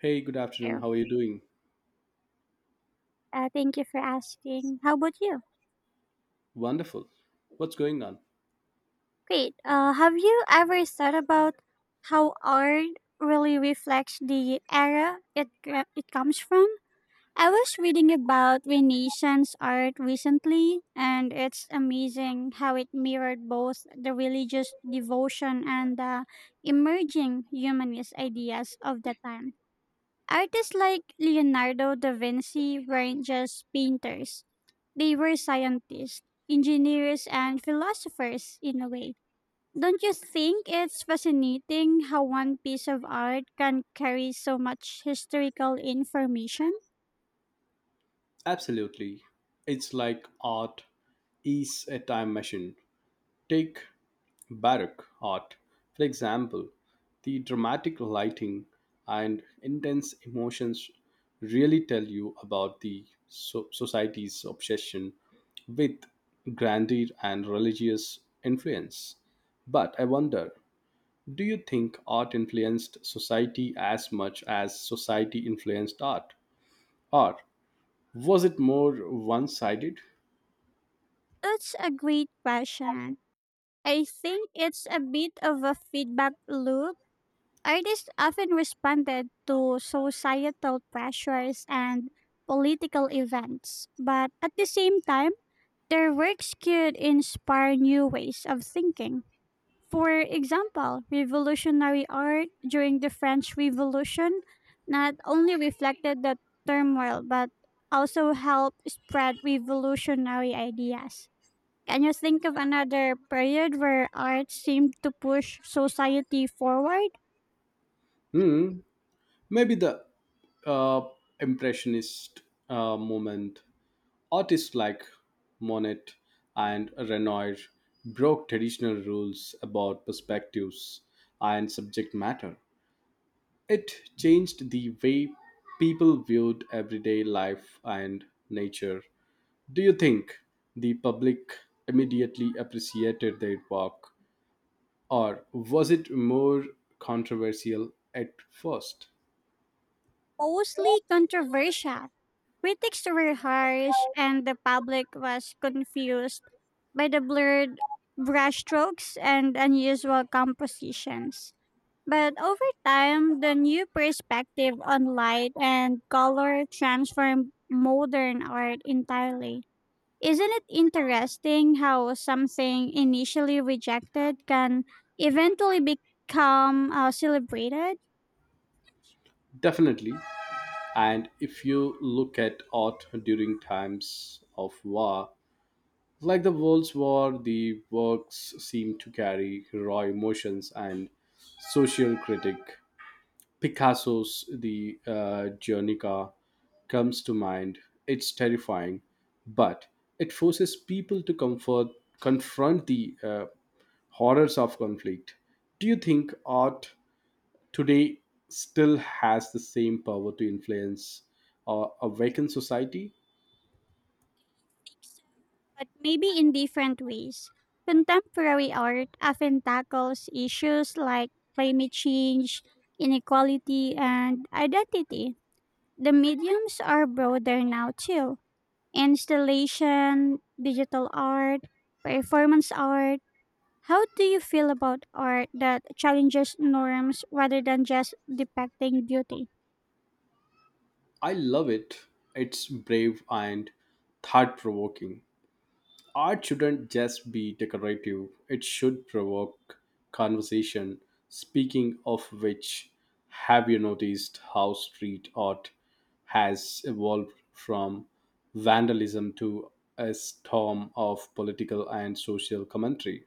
Hey, good afternoon. Here. How are you doing? Thank you for asking. How about you? Wonderful. What's going on? Great. Have you ever thought about how art really reflects the era it comes from? I was reading about Renaissance art recently, and it's amazing how it mirrored both the religious devotion and the emerging humanist ideas of the time. Artists like Leonardo da Vinci weren't just painters. They were scientists, engineers, and philosophers in a way. Don't you think it's fascinating how one piece of art can carry so much historical information? Absolutely. It's like art is a time machine. Take Baroque art, for example. The dramatic lighting and intense emotions really tell you about the society's obsession with grandeur and religious influence. But I wonder, do you think art influenced society as much as society influenced art? Or was it more one sided? That's a great question. I think it's a bit of a feedback loop. Artists often responded to societal pressures and political events, but at the same time, their works could inspire new ways of thinking. For example, revolutionary art during the French Revolution not only reflected the turmoil but also helped spread revolutionary ideas. Can you think of another period where art seemed to push society forward? Hmm. Maybe the uh, Impressionist movement. Artists like Monet and Renoir broke traditional rules about perspectives and subject matter. It changed the way people viewed everyday life and nature. Do you think the public immediately appreciated their work, or was it more controversial at first? Mostly controversial. Critics were harsh and the public was confused by the blurred brushstrokes and unusual compositions. But over time, the new perspective on light and color transformed modern art entirely. Isn't it interesting how something initially rejected can eventually become celebrated, Definitely. And if you look at art during times of war, like the World's War, the works seem to carry raw emotions and social critic. Picasso's the Guernica comes to mind. It's terrifying, but it forces people to confront the horrors of conflict. Do you think art today still has the same power to influence a vacant society? but maybe in different ways? Contemporary art often tackles issues like climate change, inequality, and identity. The mediums are broader now, too: installation, digital art, performance art. How do you feel about art that challenges norms rather than just depicting beauty? I love it. It's brave and thought provoking. Art shouldn't just be decorative, it should provoke conversation. Speaking of which, have you noticed how street art has evolved from vandalism to a storm of political and social commentary?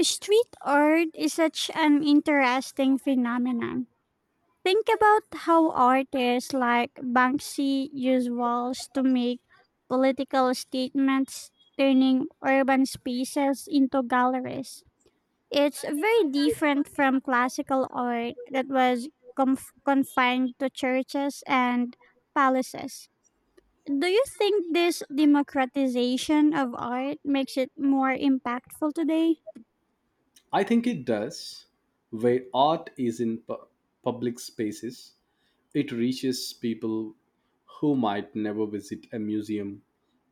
Street art is such an interesting phenomenon. Think about how artists like Banksy use walls to make political statements, turning urban spaces into galleries. It's very different from classical art that was confined to churches and palaces. Do you think this democratization of art makes it more impactful today? I think it does. Where art is in public spaces, it reaches people who might never visit a museum,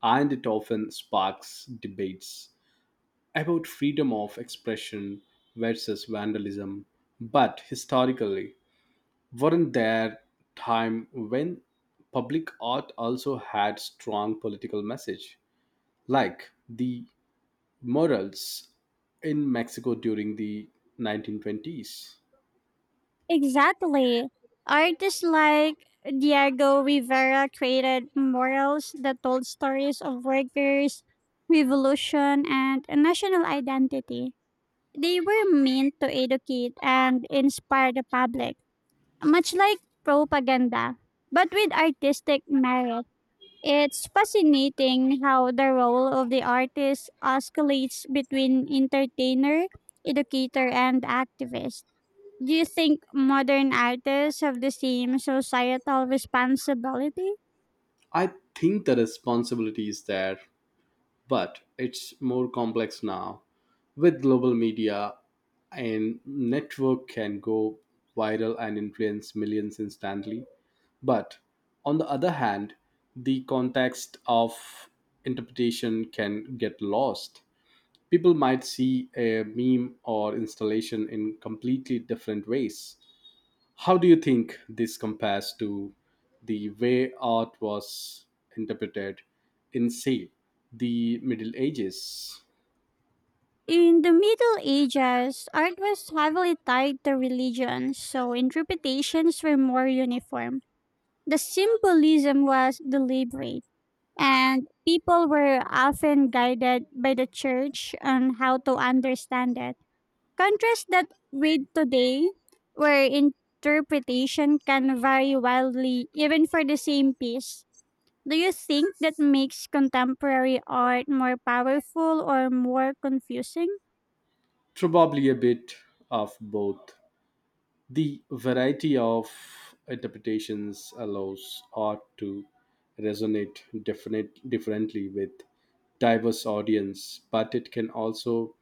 and it often sparks debates about freedom of expression versus vandalism. But historically, weren't there time when public art also had strong political message, like the murals in Mexico during the 1920s? Exactly. Artists like Diego Rivera created murals that told stories of workers, revolution, and a national identity. They were meant to educate and inspire the public much like propaganda, but with artistic merit. It's fascinating how the role of the artist oscillates between entertainer, educator, and activist. Do you think modern artists have the same societal responsibility? I think the responsibility is there, but it's more complex now. With global media, a network can go viral and influence millions instantly. But on the other hand, the context of interpretation can get lost. People might see a meme or installation in completely different ways. How do you think this compares to the way art was interpreted in, say, the Middle Ages? In the Middle Ages, art was heavily tied to religion, so interpretations were more uniform. The symbolism was deliberate and people were often guided by the church on how to understand it. Contrast that with today, where interpretation can vary wildly even for the same piece. Do you think that makes contemporary art more powerful or more confusing? Probably a bit of both. The variety of interpretations allows art to resonate differently with diverse audience, but it can also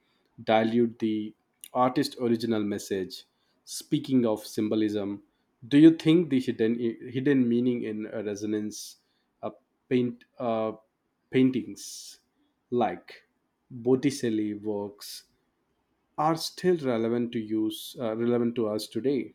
dilute the artist's original message. Speaking of symbolism, do you think the hidden meaning in a resonance uh, paint uh, paintings like Botticelli works are still relevant to use relevant to us today?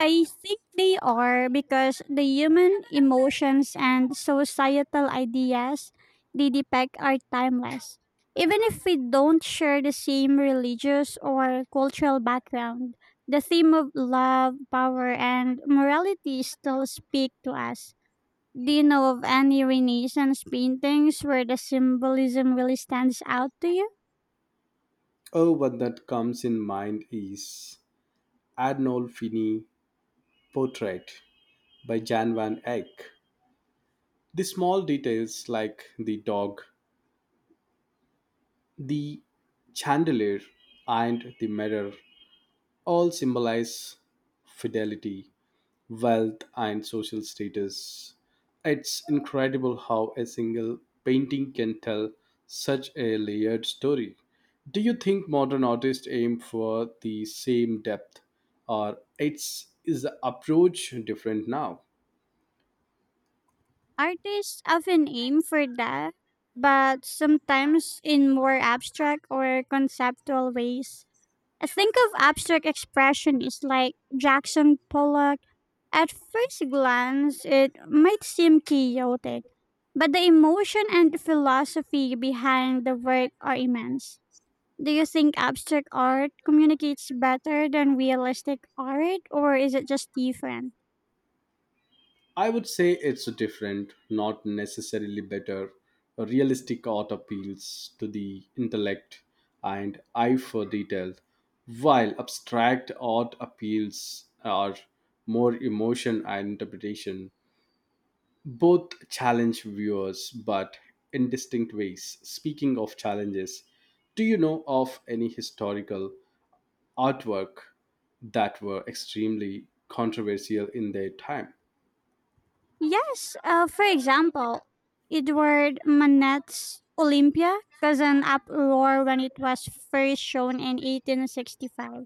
I think they are because the human emotions and societal ideas they depict are timeless. Even if we don't share the same religious or cultural background, the theme of love, power, and morality still speak to us. Do you know of any Renaissance paintings where the symbolism really stands out to you? Oh, what that comes in mind is Adnol portrait by Jan van Eyck. The small details like the dog, the chandelier, and the mirror all symbolize fidelity, wealth, and social status. It's incredible how a single painting can tell such a layered story. Do you think modern artists aim for the same depth, or it's is the approach different now? Artists often aim for that, but sometimes in more abstract or conceptual ways. I think of abstract expressionists like Jackson Pollock. At first glance, it might seem chaotic, but the emotion and philosophy behind the work are immense. Do you think abstract art communicates better than realistic art, or is it just different? I would say it's different, not necessarily better. A realistic art appeals to the intellect and eye for detail, while abstract art appeals are more emotion and interpretation. Both challenge viewers, but in distinct ways. Speaking of challenges, do you know of any historical artwork that were extremely controversial in their time? Yes, for example, Edward Manet's Olympia caused an uproar when it was first shown in 1865.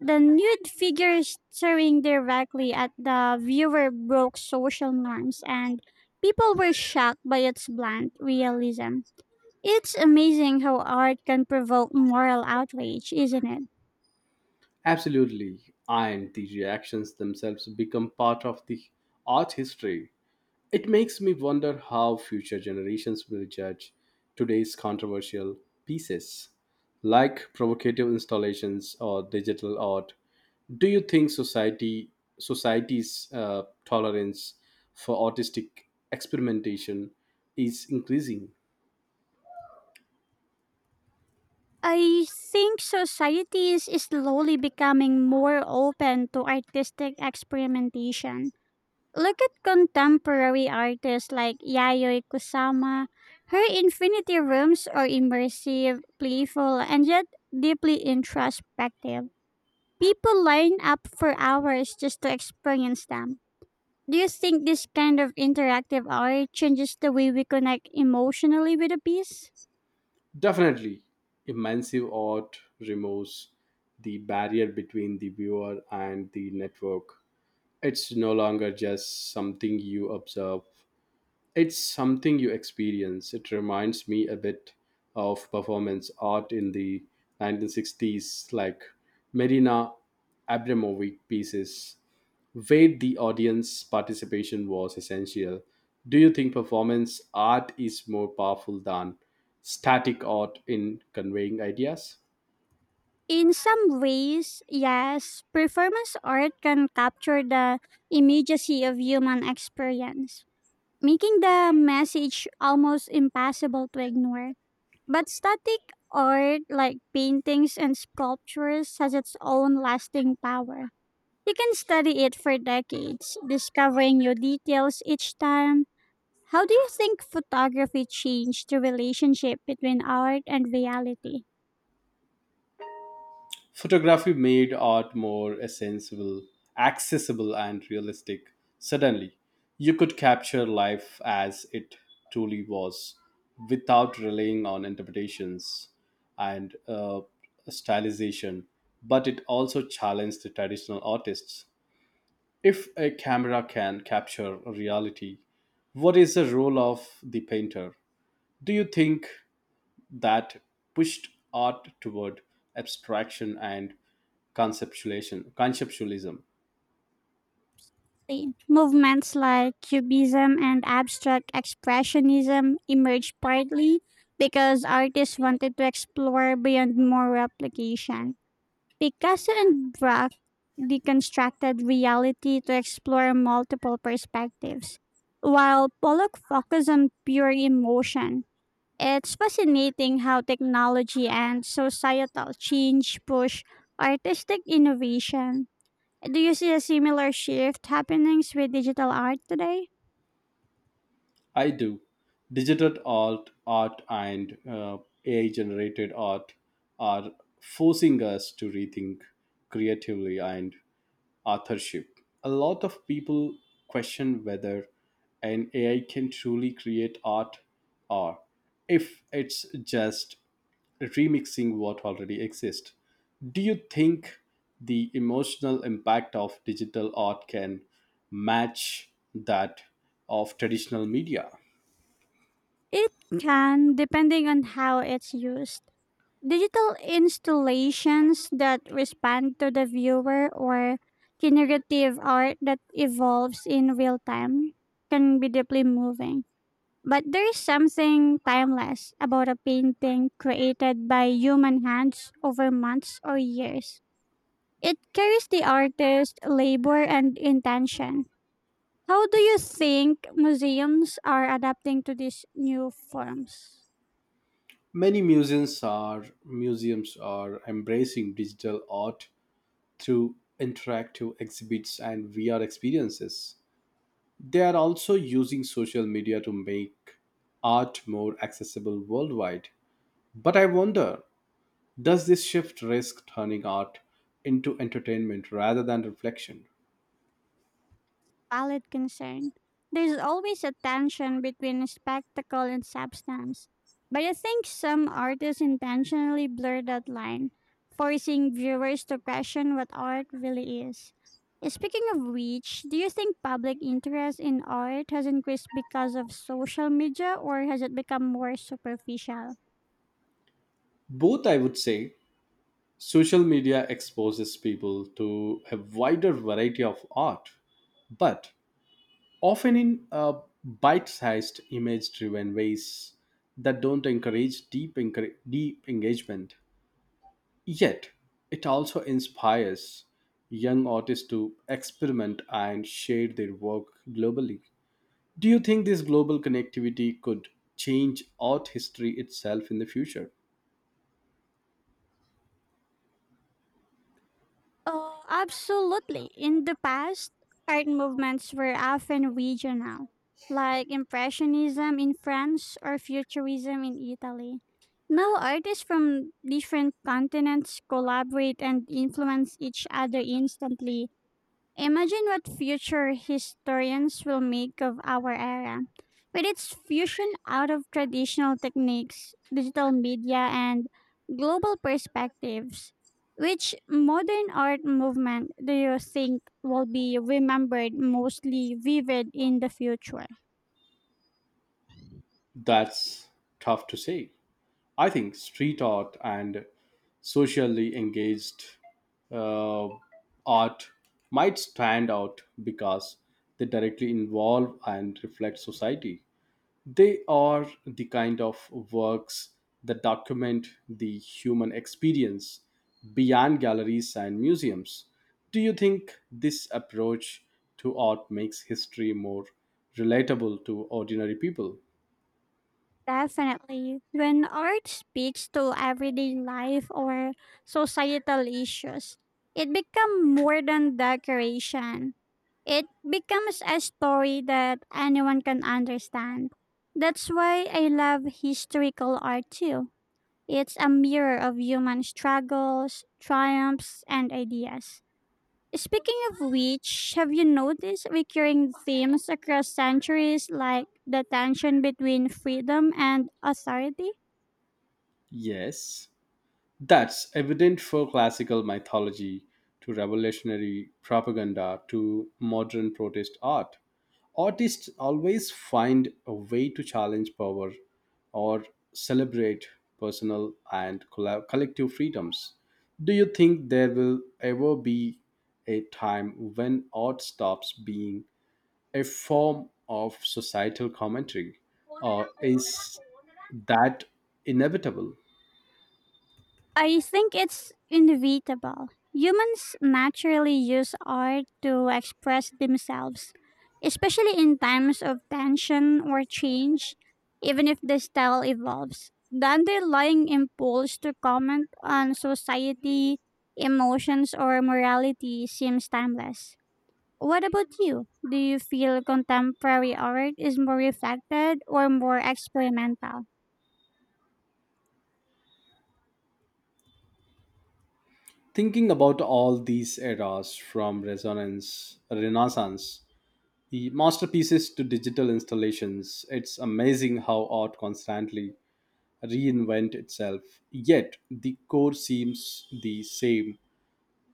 The nude figures staring directly at the viewer broke social norms, and people were shocked by its blunt realism. It's amazing how art can provoke moral outrage, isn't it? Absolutely. And the reactions themselves become part of the art history. It makes me wonder how future generations will judge today's controversial pieces, like provocative installations or digital art. Do you think society's tolerance for artistic experimentation is increasing? I think society is slowly becoming more open to artistic experimentation. Look at contemporary artists like Yayoi Kusama. Her infinity rooms are immersive, playful, and yet deeply introspective. People line up for hours just to experience them. Do you think this kind of interactive art changes the way we connect emotionally with a piece? Definitely, immersive art removes the barrier between the viewer and the network. It's no longer just something you observe, it's something you experience. It reminds me a bit of performance art in the 1960s, like Marina Abramovic pieces where the audience participation was essential. Do you think performance art is more powerful than static art in conveying ideas? In some ways, yes, performance art can capture the immediacy of human experience, making the message almost impossible to ignore. But static art, like paintings and sculptures, has its own lasting power. You can study it for decades, discovering new details each time. How do you think photography changed the relationship between art and reality? Photography made art more sensible, accessible, and realistic. Suddenly, you could capture life as it truly was without relying on interpretations and stylization, but it also challenged the traditional artists. If a camera can capture reality, what is the role of the painter? Do you think that pushed art toward abstraction and conceptualism? Exactly. Movements like Cubism and abstract expressionism emerged partly because artists wanted to explore beyond more replication. Picasso and Braque deconstructed reality to explore multiple perspectives, while Pollock focused on pure emotion. It's fascinating how technology and societal change push artistic innovation. Do you see a similar shift happening with digital art today? I do. Digital art and AI generated art are forcing us to rethink creatively and authorship. A lot of people question whether an AI can truly create art, or if it's just remixing what already exists. Do you think the emotional impact of digital art can match that of traditional media? It can, depending on how it's used. Digital installations that respond to the viewer or generative art that evolves in real time can be deeply moving. But there is something timeless about a painting created by human hands over months or years. It carries the artist's labor and intention. How do you think museums are adapting to these new forms? Many museums are embracing digital art through interactive exhibits and VR experiences. They are also using social media to make art more accessible worldwide. But I wonder, does this shift risk turning art into entertainment rather than reflection? Valid concern. There's always a tension between spectacle and substance. But I think some artists intentionally blur that line, forcing viewers to question what art really is. Speaking of which, do you think public interest in art has increased because of social media or has it become more superficial? Both, I would say. Social media exposes people to a wider variety of art, but often in bite sized, image driven ways that don't encourage deep engagement. Yet, it also inspires young artists to experiment and share their work globally. Do you think this global connectivity could change art history itself in the future? Oh, absolutely. In the past, art movements were often regional, like Impressionism in France or Futurism in Italy. Now, artists from different continents collaborate and influence each other instantly. Imagine what future historians will make of our era. With its fusion out of traditional techniques, digital media, and global perspectives, which modern art movement do you think will be remembered mostly vivid in the future? That's tough to say. I think street art and socially engaged uh, art might stand out because they directly involve and reflect society. They are the kind of works that document the human experience beyond galleries and museums. Do you think this approach to art makes history more relatable to ordinary people? Definitely. When art speaks to everyday life or societal issues, it becomes more than decoration. It becomes a story that anyone can understand. That's why I love historical art too. It's a mirror of human struggles, triumphs, and ideas. Speaking of which, have you noticed recurring themes across centuries like the tension between freedom and authority? Yes. That's evident for classical mythology to revolutionary propaganda to modern protest art. Artists always find a way to challenge power or celebrate personal and collective freedoms. Do you think there will ever be a time when art stops being a form of societal commentary, or is that inevitable? I think it's inevitable. Humans naturally use art to express themselves, especially in times of tension or change, even if the style evolves. The underlying impulse to comment on society, emotions, or morality seems timeless. What about you? Do you feel contemporary art is more reflected or more experimental? Thinking about all these eras from resonance, renaissance, the masterpieces to digital installations, it's amazing how art constantly reinvent itself. Yet the core seems the same,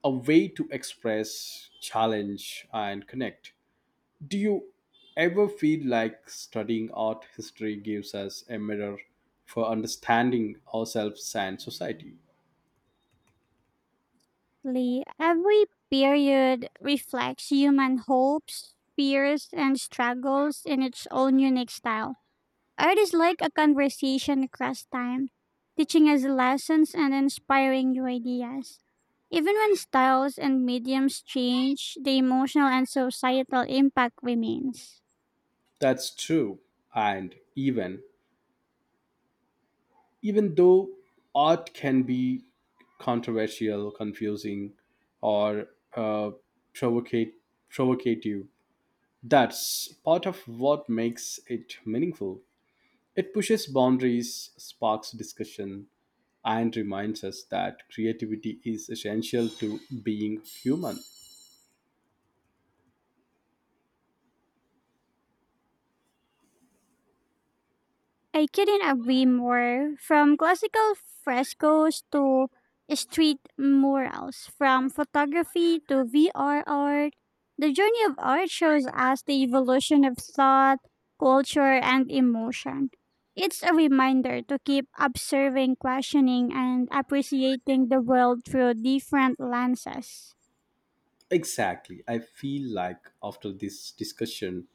a way to express, challenge and connect. Do you ever feel like studying art history gives us a mirror for understanding ourselves and society? Lee, every period reflects human hopes, fears, and struggles in its own unique style. Art is like a conversation across time, teaching us lessons and inspiring new ideas. Even when styles and mediums change, the emotional and societal impact remains. That's true. And even though art can be controversial, confusing, or uh, provocate, provocative, that's part of what makes it meaningful. It pushes boundaries, sparks discussion, and reminds us that creativity is essential to being human. I couldn't agree more. From classical frescoes to street murals, from photography to VR art, the journey of art shows us the evolution of thought, culture, and emotion. It's a reminder to keep observing, questioning, and appreciating the world through different lenses. Exactly. I feel like after this discussion,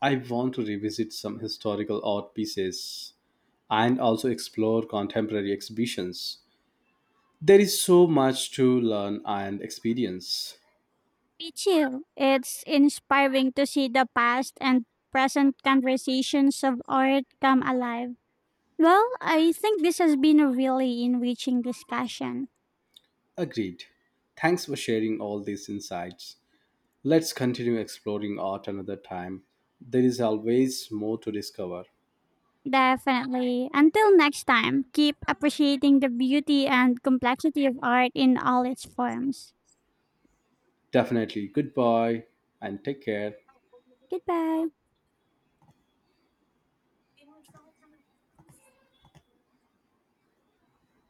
I want to revisit some historical art pieces and also explore contemporary exhibitions. There is so much to learn and experience. Me too. It's inspiring to see the past and present conversations of art come alive. Well, I think this has been a really enriching discussion. Agreed. Thanks for sharing all these insights. Let's continue exploring art another time. There is always more to discover. Definitely. Until next time, keep appreciating the beauty and complexity of art in all its forms. Definitely. Goodbye and take care. Goodbye.